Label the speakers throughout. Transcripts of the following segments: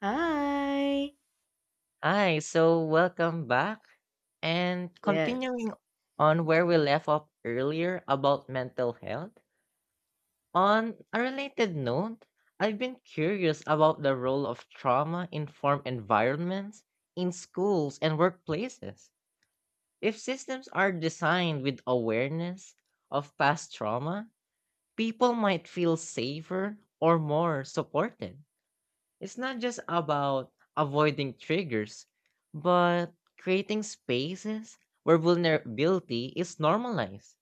Speaker 1: Hi.
Speaker 2: Hi, so welcome back. And
Speaker 1: Yes.
Speaker 2: continuing on where we left off earlier about mental health, on a related note, I've been curious about the role of trauma informed environments in schools and workplaces. If systems are designed with awareness of past trauma, people might feel safer or more supported. It's not just about avoiding triggers, but creating spaces where vulnerability is normalized.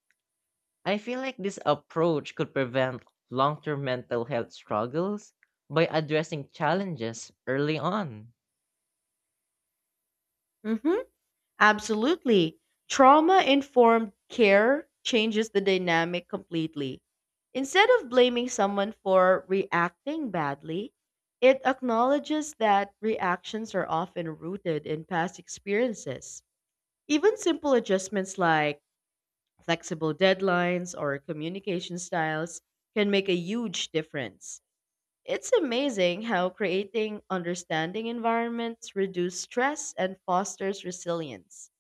Speaker 2: I feel like this approach could prevent long term mental health struggles by addressing challenges early on.
Speaker 1: Mm-hmm. Absolutely. Trauma informed care changes the dynamic completely. Instead of blaming someone for reacting badly, it acknowledges that reactions are often rooted in past experiences. Even simple adjustments like flexible deadlines or communication styles can make a huge difference. It's amazing how creating understanding environments reduces stress and fosters resilience.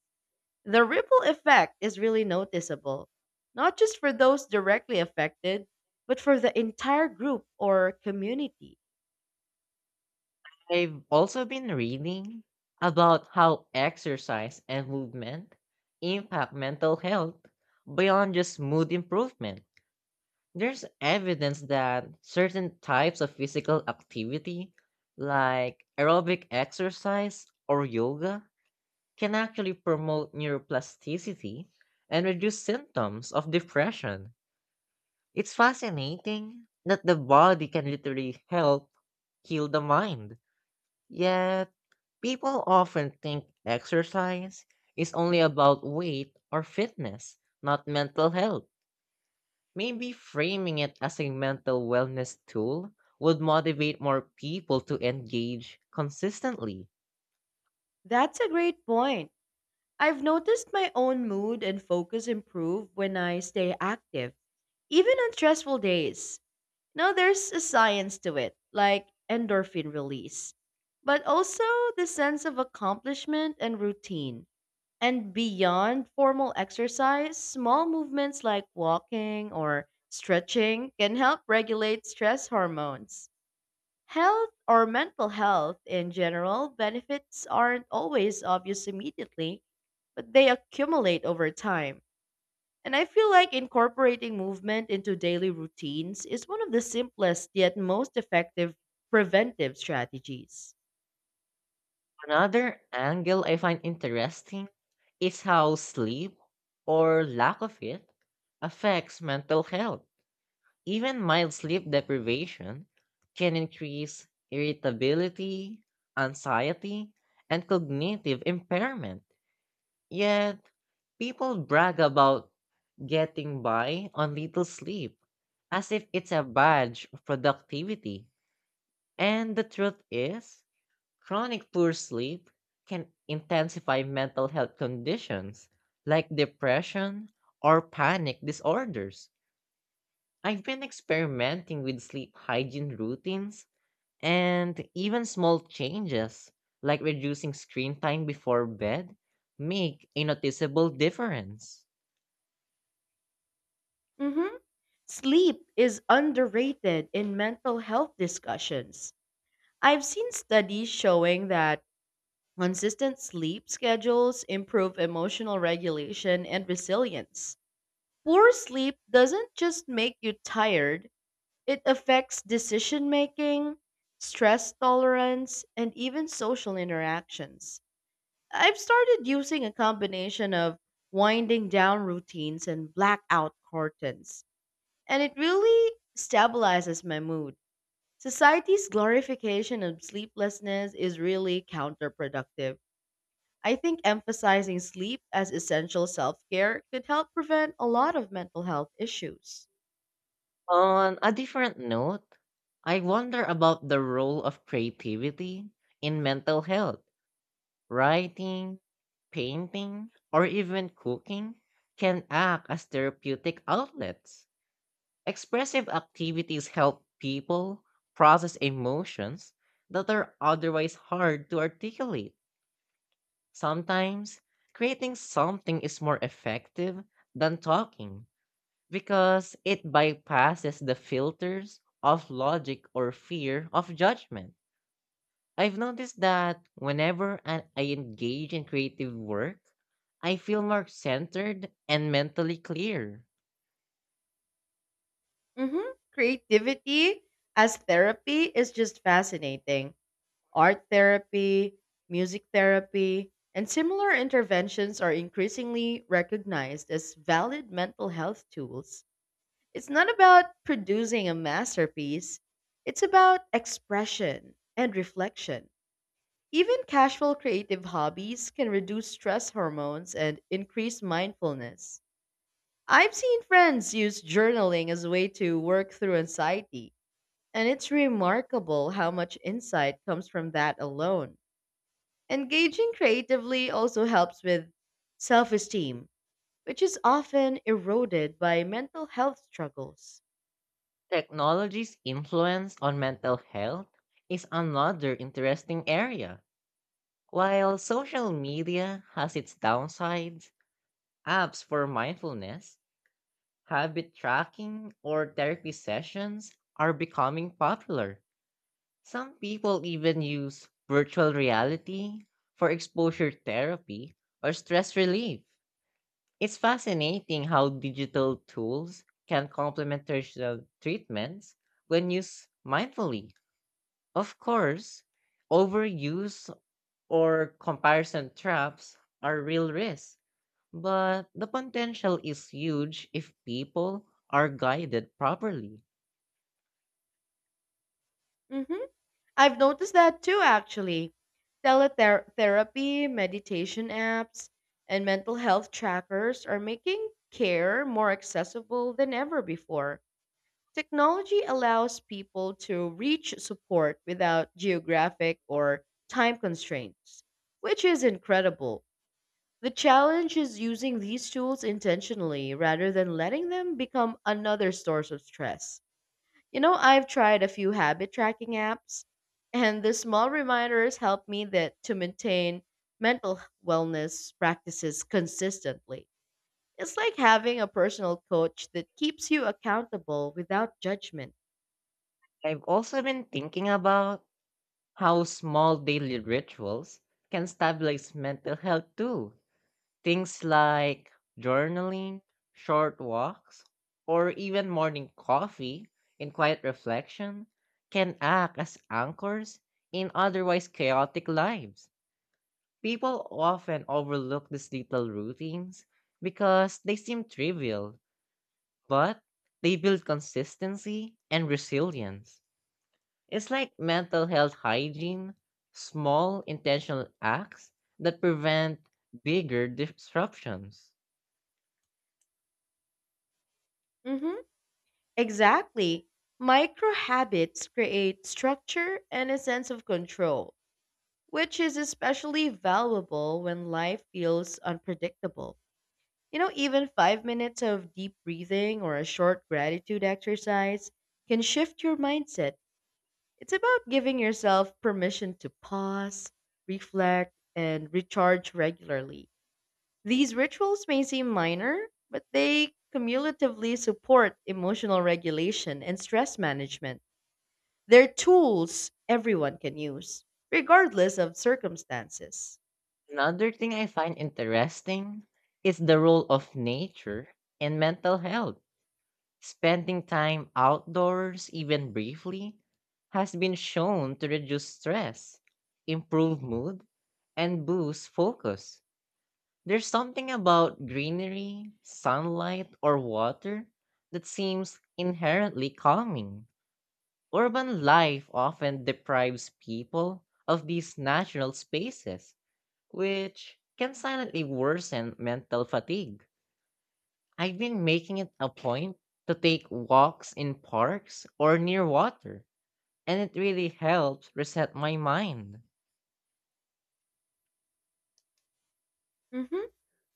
Speaker 1: The ripple effect is really noticeable, not just for those directly affected, but for the entire group or community.
Speaker 2: I've also been reading about how exercise and movement impact mental health beyond just mood improvement. There's evidence that certain types of physical activity, like aerobic exercise or yoga, can actually promote neuroplasticity and reduce symptoms of depression. It's fascinating that the body can literally help heal the mind. Yet, people often think exercise is only about weight or fitness, not mental health. Maybe framing it as a mental wellness tool would motivate more people to engage consistently.
Speaker 1: That's a great point. I've noticed my own mood and focus improve when I stay active, even on stressful days. No, there's a science to it, like endorphin release, but also the sense of accomplishment and routine. And beyond formal exercise, small movements like walking or stretching can help regulate stress hormones. Health or mental health in general, benefits aren't always obvious immediately, but they accumulate over time. And I feel like incorporating movement into daily routines is one of the simplest yet most effective preventive strategies.
Speaker 2: Another angle I find interesting is how sleep, or lack of it, affects mental health. Even mild sleep deprivation can increase irritability, anxiety, and cognitive impairment. Yet, people brag about getting by on little sleep, as if it's a badge of productivity. And the truth is, chronic poor sleep can intensify mental health conditions like depression or panic disorders. I've been experimenting with sleep hygiene routines, and even small changes like reducing screen time before bed make a noticeable difference.
Speaker 1: Mhm. Sleep is underrated in mental health discussions. I've seen studies showing that consistent sleep schedules improve emotional regulation and resilience. Poor sleep doesn't just make you tired, it affects decision making, stress tolerance, and even social interactions. I've started using a combination of winding down routines and blackout curtains, and it really stabilizes my mood. Society's glorification of sleeplessness is really counterproductive. I think emphasizing sleep as essential self care could help prevent a lot of mental health issues.
Speaker 2: On a different note, I wonder about the role of creativity in mental health. Writing, painting, or even cooking can act as therapeutic outlets. Expressive activities help people process emotions that are otherwise hard to articulate. Sometimes, creating something is more effective than talking because it bypasses the filters of logic or fear of judgment. I've noticed that I engage in creative work, I feel more centered and mentally clear.
Speaker 1: hmm Creativity as therapy is just fascinating. Art therapy, music therapy, and similar interventions are increasingly recognized as valid mental health tools. It's not about producing a masterpiece, it's about expression and reflection. Even casual creative hobbies can reduce stress hormones and increase mindfulness. I've seen friends use journaling as a way to work through anxiety, and it's remarkable how much insight comes from that alone. Engaging creatively also helps with self esteem, which is often eroded by mental health struggles.
Speaker 2: Technology's influence on mental health is another interesting area. While social media has its downsides, apps for mindfulness, habit tracking, or therapy sessions are becoming popular. Some people even use virtual reality for exposure therapy or stress relief. It's fascinating how digital tools can complement traditional treatments when used mindfully. Of course, overuse or comparison traps are real risks, but the potential is huge if people are guided properly.
Speaker 1: hmm I've noticed that too, actually. Teletherapy, meditation apps, and mental health trackers are making care more accessible than ever before. Technology allows people to reach support without geographic or time constraints, which is incredible. The challenge is using these tools intentionally rather than letting them become another source of stress. You know, I've tried a few habit tracking apps, and the small reminders help me that to maintain mental wellness practices consistently. It's like having a personal coach that keeps you accountable without judgment.
Speaker 2: I've also been thinking about how small daily rituals can stabilize mental health too. Things like journaling, short walks, or even morning coffee and quiet reflection can act as anchors in otherwise chaotic lives. People often overlook these little routines because they seem trivial, but they build consistency and resilience. It's like mental health hygiene, small intentional acts that prevent bigger disruptions.
Speaker 1: Mhm. Exactly. Micro habits create structure and a sense of control, which is especially valuable when life feels unpredictable. You know, even five minutes of deep breathing or a short gratitude exercise can shift your mindset. It's about giving yourself permission to pause, reflect, and recharge regularly. These rituals may seem minor, but they cumulatively support emotional regulation and stress management. They're tools everyone can use, regardless of circumstances.
Speaker 2: Another thing I find interesting is the role of nature in mental health. Spending time outdoors, even briefly, has been shown to reduce stress, improve mood, and boost focus. There's something about greenery, sunlight, or water that seems inherently calming. Urban life often deprives people of these natural spaces, which can silently worsen mental fatigue. I've been making it a point to take walks in parks or near water, and it really helps reset my mind.
Speaker 1: hmm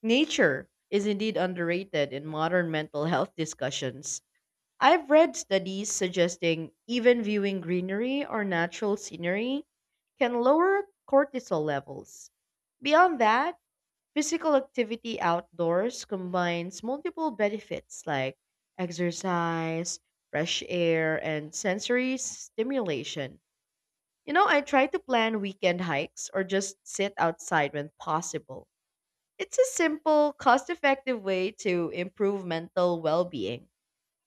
Speaker 1: Nature is indeed underrated in modern mental health discussions. I've read studies suggesting even viewing greenery or natural scenery can lower cortisol levels. Beyond that, physical activity outdoors combines multiple benefits like exercise, fresh air, and sensory stimulation. You know, I try to plan weekend hikes or just sit outside when possible. It's a simple, cost effective way to improve mental well being,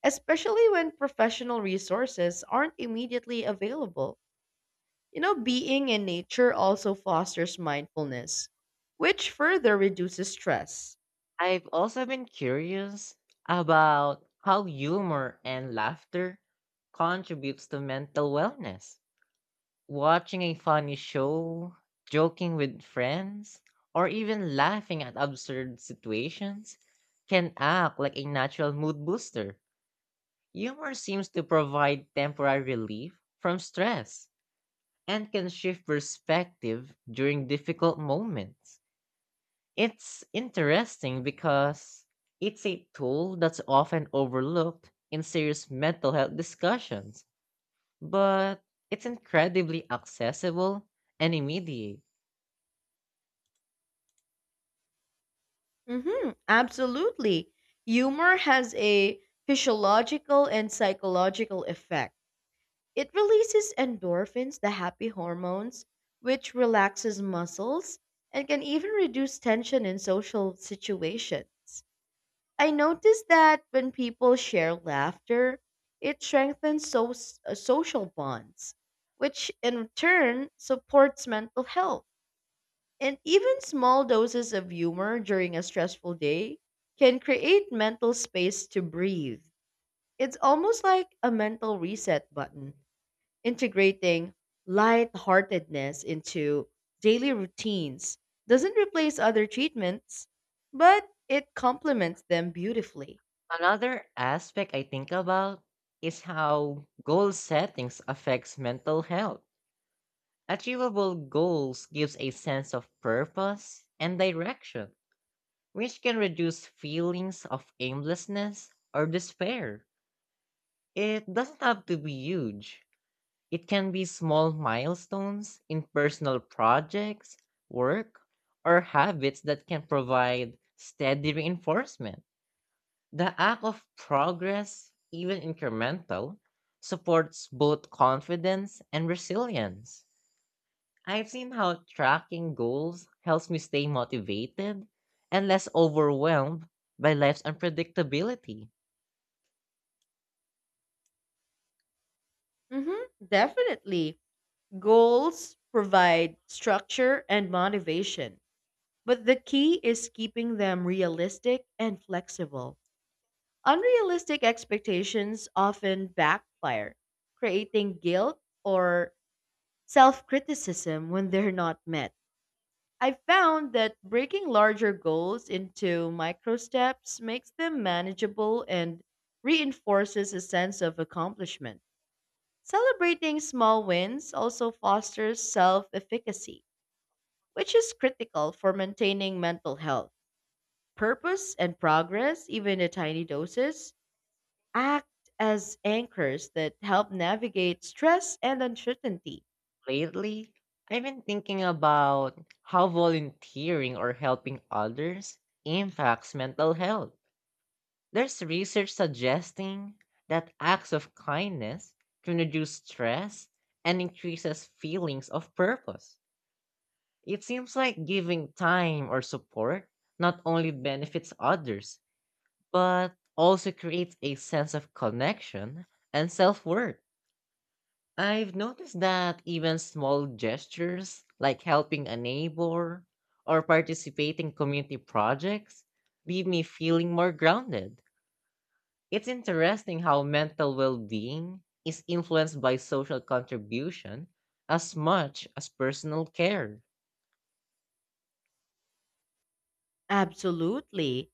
Speaker 1: especially when professional resources aren't immediately available. You know, being in nature also fosters mindfulness, which further reduces stress.
Speaker 2: I've also been curious about how humor and laughter contributes to mental wellness. Watching a funny show, joking with friends, or even laughing at absurd situations can act like a natural mood booster. Humor seems to provide temporary relief from stress and can shift perspective during difficult moments. It's interesting because it's a tool that's often overlooked in serious mental health discussions, but it's incredibly accessible and immediate.
Speaker 1: Mm-hmm, absolutely. Humor has a physiological and psychological effect. It releases endorphins, the happy hormones, which relaxes muscles and can even reduce tension in social situations. I noticed that when people share laughter, it strengthens social bonds, which in turn supports mental health. And even small doses of humor during a stressful day can create mental space to breathe. It's almost like a mental reset button integrating lightheartedness into daily routines doesn't replace other treatments, but it complements them beautifully.
Speaker 2: Another aspect I think about is how goal settings affects mental health. Achievable goals gives a sense of purpose and direction, which can reduce feelings of aimlessness or despair. It doesn't have to be huge. It can be small milestones in personal projects, work, or habits that can provide steady reinforcement. The act of progress, even incremental, supports both confidence and resilience. I've seen how tracking goals helps me stay motivated and less overwhelmed by life's unpredictability.
Speaker 1: Definitely. Goals provide structure and motivation, but the key is keeping them realistic and flexible. Unrealistic expectations often backfire, creating guilt or self criticism when they're not met. I found that breaking larger goals into micro steps makes them manageable and reinforces a sense of accomplishment. Celebrating small wins also fosters self efficacy, which is critical for maintaining mental health. Purpose and progress, even in tiny doses, act as anchors that help navigate stress and uncertainty.
Speaker 2: Lately, I've been thinking about how volunteering or helping others impacts mental health. There's research suggesting that acts of kindness can reduce stress and increases feelings of purpose. It seems like giving time or support not only benefits others, but also creates a sense of connection and self-worth. I've noticed that even small gestures like helping a neighbor or participating in community projects leave me feeling more grounded. It's interesting how mental well-being is influenced by social contribution as much as personal care.
Speaker 1: Absolutely.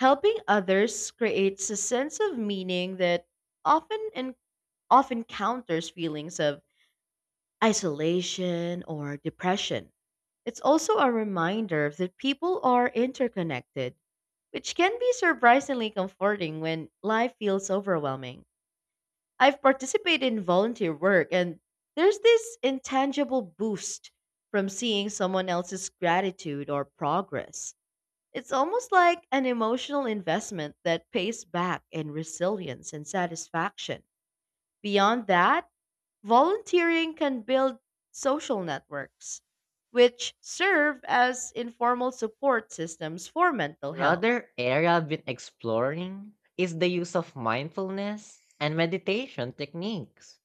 Speaker 1: Helping others creates a sense of meaning that often and often counters feelings of isolation or depression. It's also a reminder that people are interconnected, which can be surprisingly comforting when life feels overwhelming. I've participated in volunteer work, and there's this intangible boost from seeing someone else's gratitude or progress. It's almost like an emotional investment that pays back in resilience and satisfaction. Beyond that, volunteering can build social networks, which serve as informal support systems for mental health.
Speaker 2: Another area I've been exploring is the use of mindfulness and meditation techniques.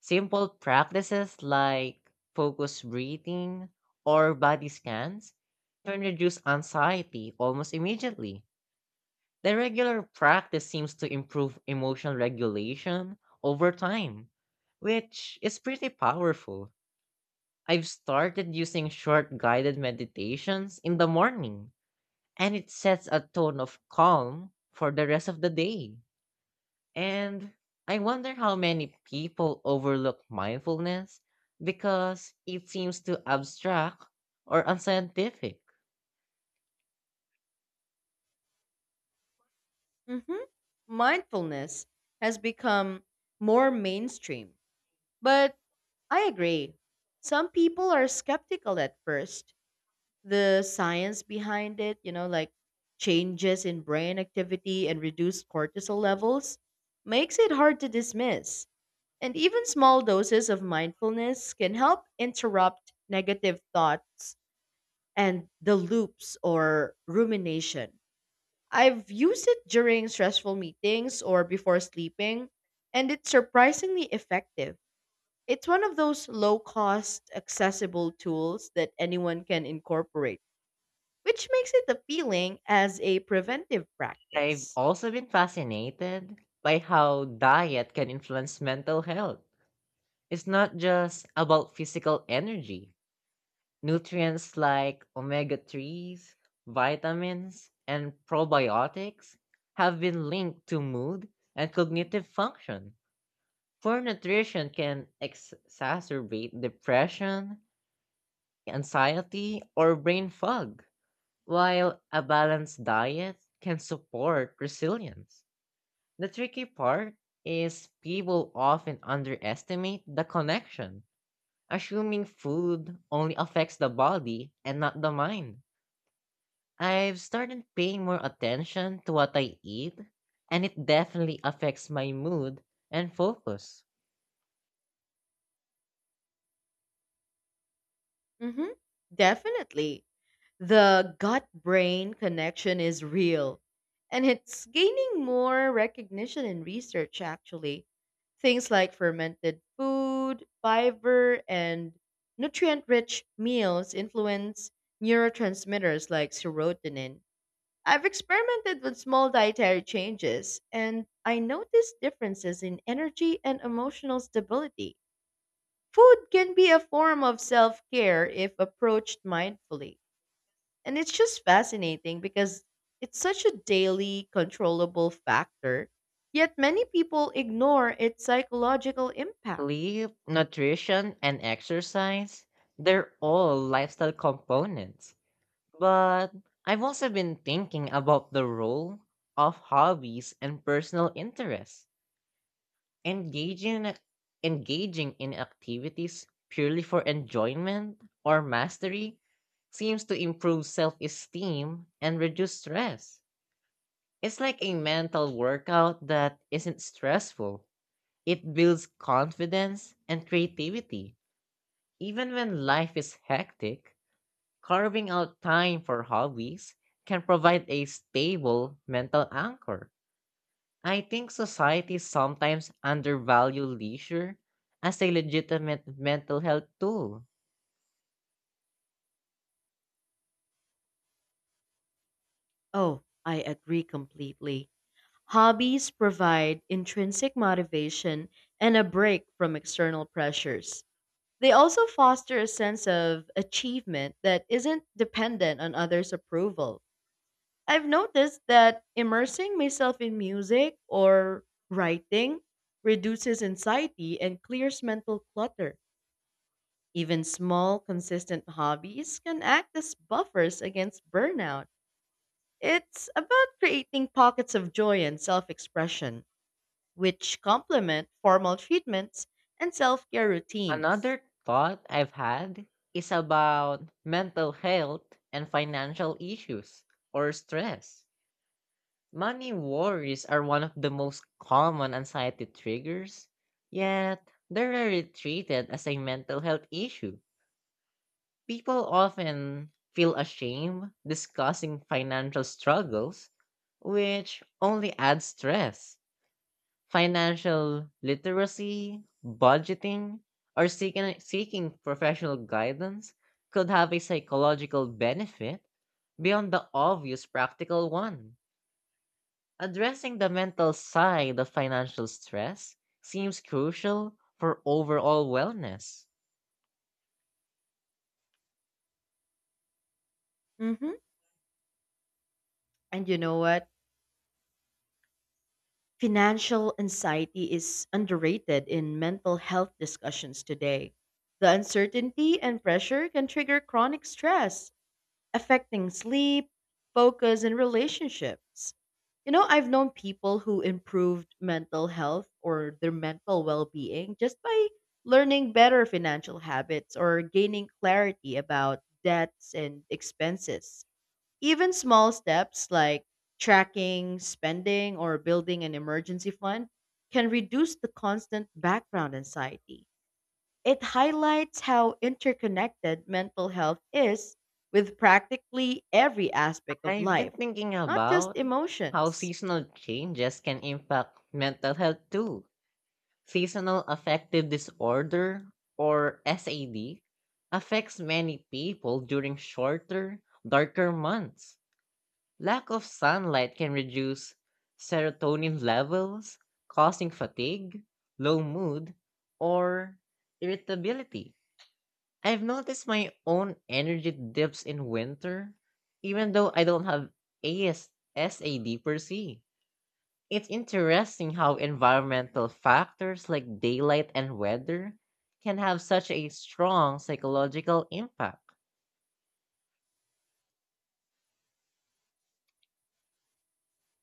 Speaker 2: Simple practices like focused breathing or body scans can reduce anxiety almost immediately. The regular practice seems to improve emotional regulation over time, which is pretty powerful. I've started using short guided meditations in the morning, and it sets a tone of calm for the rest of the day. And I wonder how many people overlook mindfulness because it seems too abstract or unscientific.
Speaker 1: Mhm. Mindfulness has become more mainstream, but I agree. Some people are skeptical at first. The science behind it, you know, like changes in brain activity and reduced cortisol levels, makes it hard to dismiss. And even small doses of mindfulness can help interrupt negative thoughts and the loops or rumination. I've used it during stressful meetings or before sleeping, and it's surprisingly effective. It's one of those low cost, accessible tools that anyone can incorporate, which makes it appealing as a preventive
Speaker 2: I've
Speaker 1: practice.
Speaker 2: also been fascinated by how diet can influence mental health. It's not just about physical energy. Nutrients like omega 3s, vitamins, and probiotics have been linked to mood and cognitive function. Poor nutrition can exacerbate depression, anxiety, or brain fog, while a balanced diet can support resilience. The tricky part is people often underestimate the connection, assuming food only affects the body and not the mind. I've started paying more attention to what I eat, and it definitely affects my mood and focus.
Speaker 1: hmm Definitely. The gut brain connection is real, and it's gaining more recognition in research, actually. Things like fermented food, fiber, and nutrient rich meals influence neurotransmitters like serotonin. I've experimented with small dietary changes, and I noticed differences in energy and emotional stability. Food can be a form of self care if approached mindfully. And it's just fascinating because it's such a daily, controllable factor, yet many people ignore its psychological impact.
Speaker 2: Sleep, nutrition, and exercise, they're all lifestyle components. But I've also been thinking about the role of hobbies and personal interests. Engaging engaging in activities purely for enjoyment or mastery seems to improve self-esteem and reduce stress. It's like a mental workout that isn't stressful. It builds confidence and creativity. Even when life is hectic, carving out time for hobbies can provide a stable mental anchor. I think society sometimes undervalue leisure as a legitimate mental health tool.
Speaker 1: Oh, I agree completely. Hobbies provide intrinsic motivation and a break from external pressures. They also foster a sense of achievement that isn't dependent on others' approval. I've noticed that immersing myself in music or writing reduces anxiety and clears mental clutter. Even small, consistent hobbies can act as buffers against burnout. It's about creating pockets of joy and self expression, which complement formal treatments and self care routines.
Speaker 2: Another thought I've had is about mental health and financial issues or stress. Money worries are one of the most common anxiety triggers, yet they're rarely treated as a mental health issue. People often feel ashamed discussing financial struggles, which only adds stress. Financial literacy, budgeting, or seeking professional guidance could have a psychological benefit beyond the obvious practical one. Addressing the mental side of financial stress seems crucial for overall wellness.
Speaker 1: hmm And you know what? Financial anxiety is underrated in mental health discussions today. The uncertainty and pressure can trigger chronic stress, affecting sleep, focus, and relationships. You know, I've known people who improved mental health or their mental well being just by learning better financial habits or gaining clarity about debts and expenses. Even small steps like tracking spending or building an emergency fund can reduce the constant background anxiety. It highlights how interconnected mental health is with practically every aspect of
Speaker 2: I've been
Speaker 1: life,
Speaker 2: thinking
Speaker 1: not just
Speaker 2: about how
Speaker 1: emotions.
Speaker 2: seasonal changes can impact mental health too. Seasonal affective disorder, or SAD, affects many people during shorter, darker months. Lack of sunlight can reduce serotonin levels, causing fatigue, low mood, or irritability. I've noticed my own energy dips in winter, even though I don't have SAD per se. It's interesting how environmental factors like daylight and weather can have such a strong psychological impact.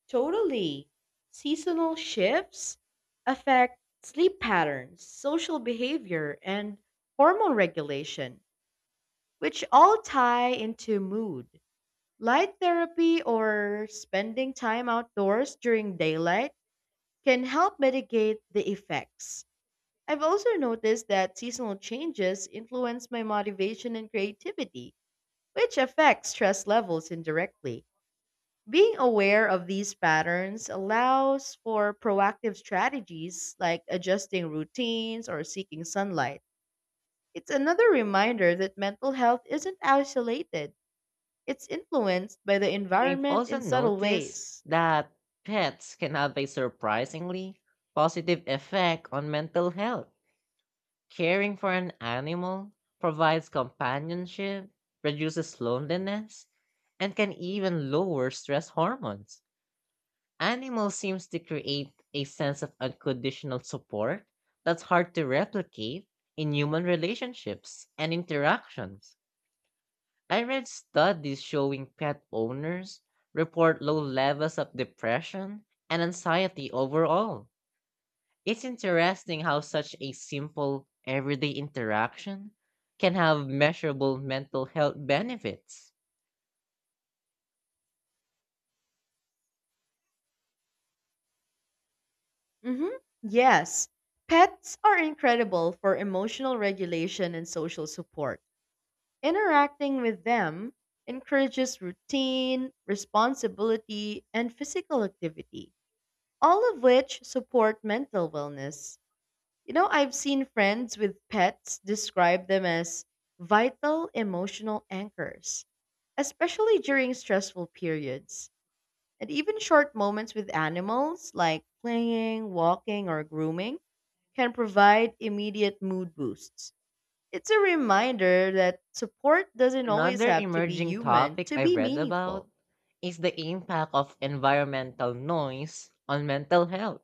Speaker 1: Totally. Seasonal shifts affect sleep patterns, social behavior, and hormone regulation, which all tie into mood. Light therapy or spending time outdoors during daylight can help mitigate the effects. I've also noticed that seasonal changes influence my motivation and creativity, which affects stress levels indirectly. Being aware of these patterns allows for proactive strategies like adjusting routines or seeking sunlight. It's another reminder that mental health isn't isolated, it's influenced by the
Speaker 2: I've
Speaker 1: environment
Speaker 2: also
Speaker 1: in subtle
Speaker 2: noticed
Speaker 1: ways.
Speaker 2: that pets can have a surprisingly positive effect on mental health. Caring for an animal provides companionship, reduces loneliness, and can even lower stress hormones. Animals seems to create a sense of unconditional support that's hard to replicate in human relationships and interactions. I read studies showing pet owners report low levels of depression and anxiety overall. It's interesting how such a simple, everyday interaction can have measurable mental health benefits.
Speaker 1: hmm Yes, pets are incredible for emotional regulation and social support. Interacting with them encourages routine, responsibility, and physical activity, all of which support mental wellness. You know, I've seen friends with pets describe them as vital emotional anchors, especially during stressful periods. And even short moments with animals, like playing, walking, or grooming, can provide immediate mood boosts. It's a reminder that support doesn't always
Speaker 2: Another
Speaker 1: have to be
Speaker 2: emerging
Speaker 1: human
Speaker 2: topic
Speaker 1: to
Speaker 2: I
Speaker 1: be
Speaker 2: read about
Speaker 1: meaningful.
Speaker 2: is the impact of environmental noise on mental health.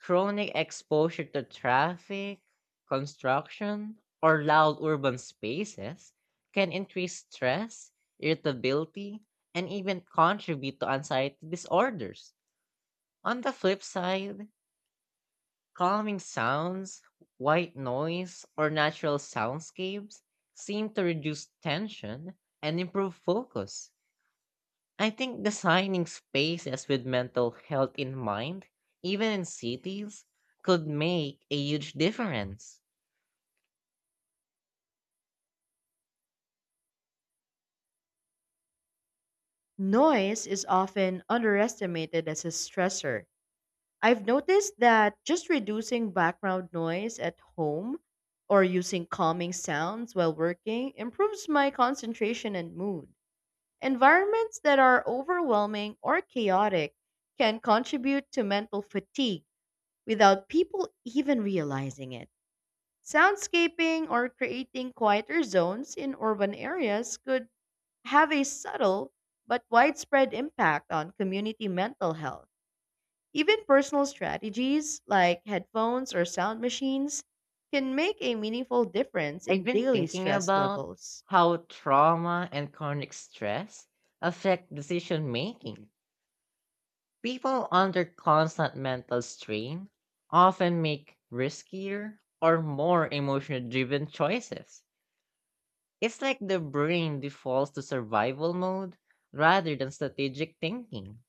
Speaker 2: Chronic exposure to traffic, construction, or loud urban spaces can increase stress, irritability, and even contribute to anxiety disorders. On the flip side, calming sounds, white noise, or natural soundscapes seem to reduce tension and improve focus. I think designing spaces with mental health in mind, even in cities, could make a huge difference.
Speaker 1: Noise is often underestimated as a stressor. I've noticed that just reducing background noise at home or using calming sounds while working improves my concentration and mood. Environments that are overwhelming or chaotic can contribute to mental fatigue without people even realizing it. Soundscaping or creating quieter zones in urban areas could have a subtle but widespread impact on community mental health. Even personal strategies like headphones or sound machines can make a meaningful difference
Speaker 2: I've
Speaker 1: in
Speaker 2: been
Speaker 1: daily
Speaker 2: thinking
Speaker 1: stress
Speaker 2: about
Speaker 1: levels.
Speaker 2: how trauma and chronic stress affect decision making. People under constant mental strain often make riskier or more emotionally driven choices. It's like the brain defaults to survival mode rather than strategic thinking.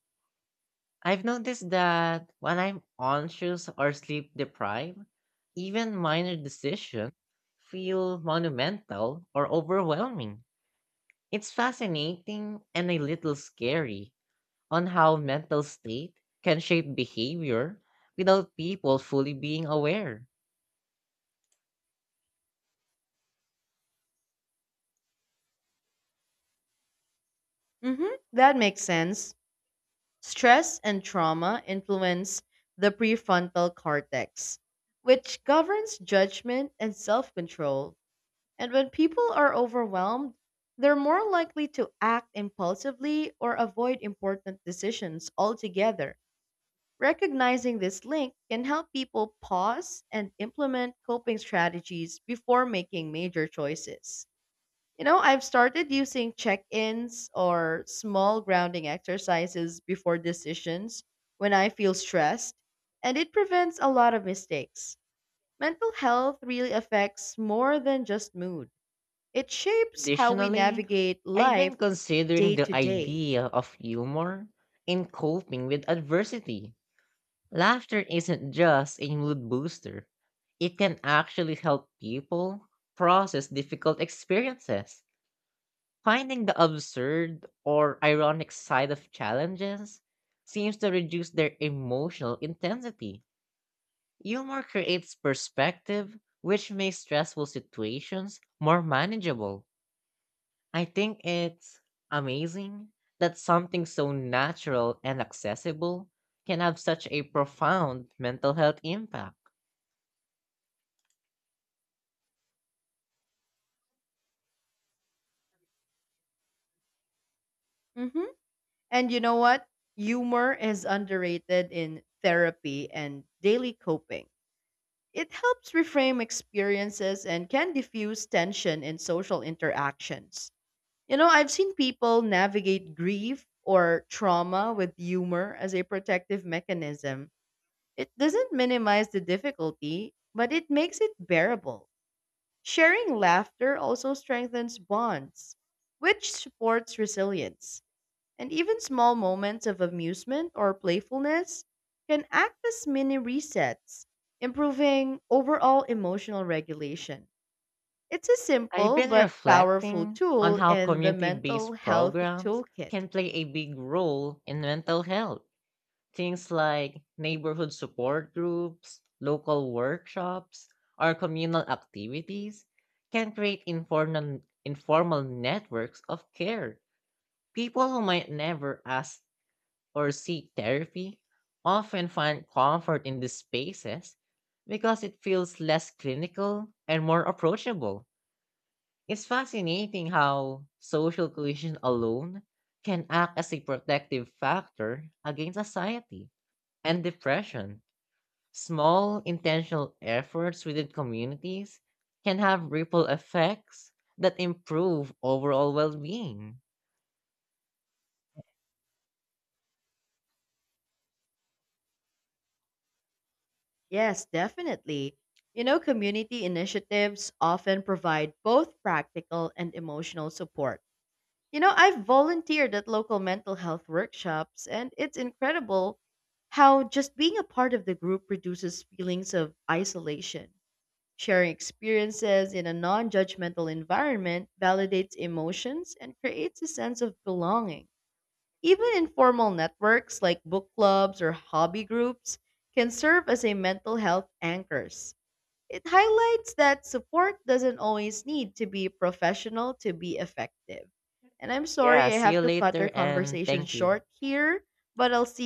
Speaker 2: I've noticed that when I'm anxious or sleep deprived, even minor decisions feel monumental or overwhelming. It's fascinating and a little scary on how mental state can shape behavior without people fully being aware.
Speaker 1: That makes sense. Stress and trauma influence the prefrontal cortex, which governs judgment and self control. And when people are overwhelmed, they're more likely to act impulsively or avoid important decisions altogether. Recognizing this link can help people pause and implement coping strategies before making major choices. You know, I've started using check ins or small grounding exercises before decisions when I feel stressed, and it prevents a lot of mistakes. Mental health really affects more than just mood. It shapes how we
Speaker 2: Additionally,
Speaker 1: navigate
Speaker 2: I've been
Speaker 1: life
Speaker 2: considering
Speaker 1: day
Speaker 2: the
Speaker 1: to day.
Speaker 2: idea of humor in coping with adversity. Laughter isn't just a mood booster, it can actually help people process difficult experiences. Finding the absurd or ironic side of challenges seems to reduce their emotional intensity. Humor creates perspective, which makes stressful situations more manageable. I think it's amazing that something so natural and accessible can have such a profound mental health impact.
Speaker 1: hmm And you know what? Humor is underrated in therapy and daily coping. It helps reframe experiences and can diffuse tension in social interactions. You know, I've seen people navigate grief or trauma with humor as a protective mechanism. It doesn't minimize the difficulty, but it makes it bearable. Sharing laughter also strengthens bonds, which supports resilience. And even small moments of amusement or playfulness can act as mini resets, improving overall emotional regulation. It's a
Speaker 2: I've
Speaker 1: simple
Speaker 2: been
Speaker 1: but powerful
Speaker 2: reflecting on
Speaker 1: tool
Speaker 2: how
Speaker 1: in the
Speaker 2: community
Speaker 1: mental
Speaker 2: based
Speaker 1: health
Speaker 2: programs
Speaker 1: toolkit.
Speaker 2: can play a big role in mental health. Things like neighborhood support groups, local workshops, or communal activities can create informal networks of care. People who might never ask or seek therapy often find comfort in these spaces because it feels less clinical and more approachable. It's fascinating how social cohesion alone can act as a protective factor against anxiety and depression. Small intentional efforts within communities can have ripple effects that improve overall well being.
Speaker 1: Yes, definitely. You know, community initiatives often provide both practical and emotional support. You know, I've volunteered at local mental health workshops, and it's incredible how just being a part of the group reduces feelings of isolation. Sharing experiences in a non judgmental environment validates emotions and creates a sense of belonging. Even informal networks like book clubs or hobby groups can serve as a mental health anchors. It highlights that support doesn't always need to be professional to be effective. And I'm
Speaker 2: Yeah,
Speaker 1: sorry I
Speaker 2: see you
Speaker 1: have to cut
Speaker 2: later,
Speaker 1: our
Speaker 2: and
Speaker 1: conversation
Speaker 2: thank you.
Speaker 1: short here, but I'll see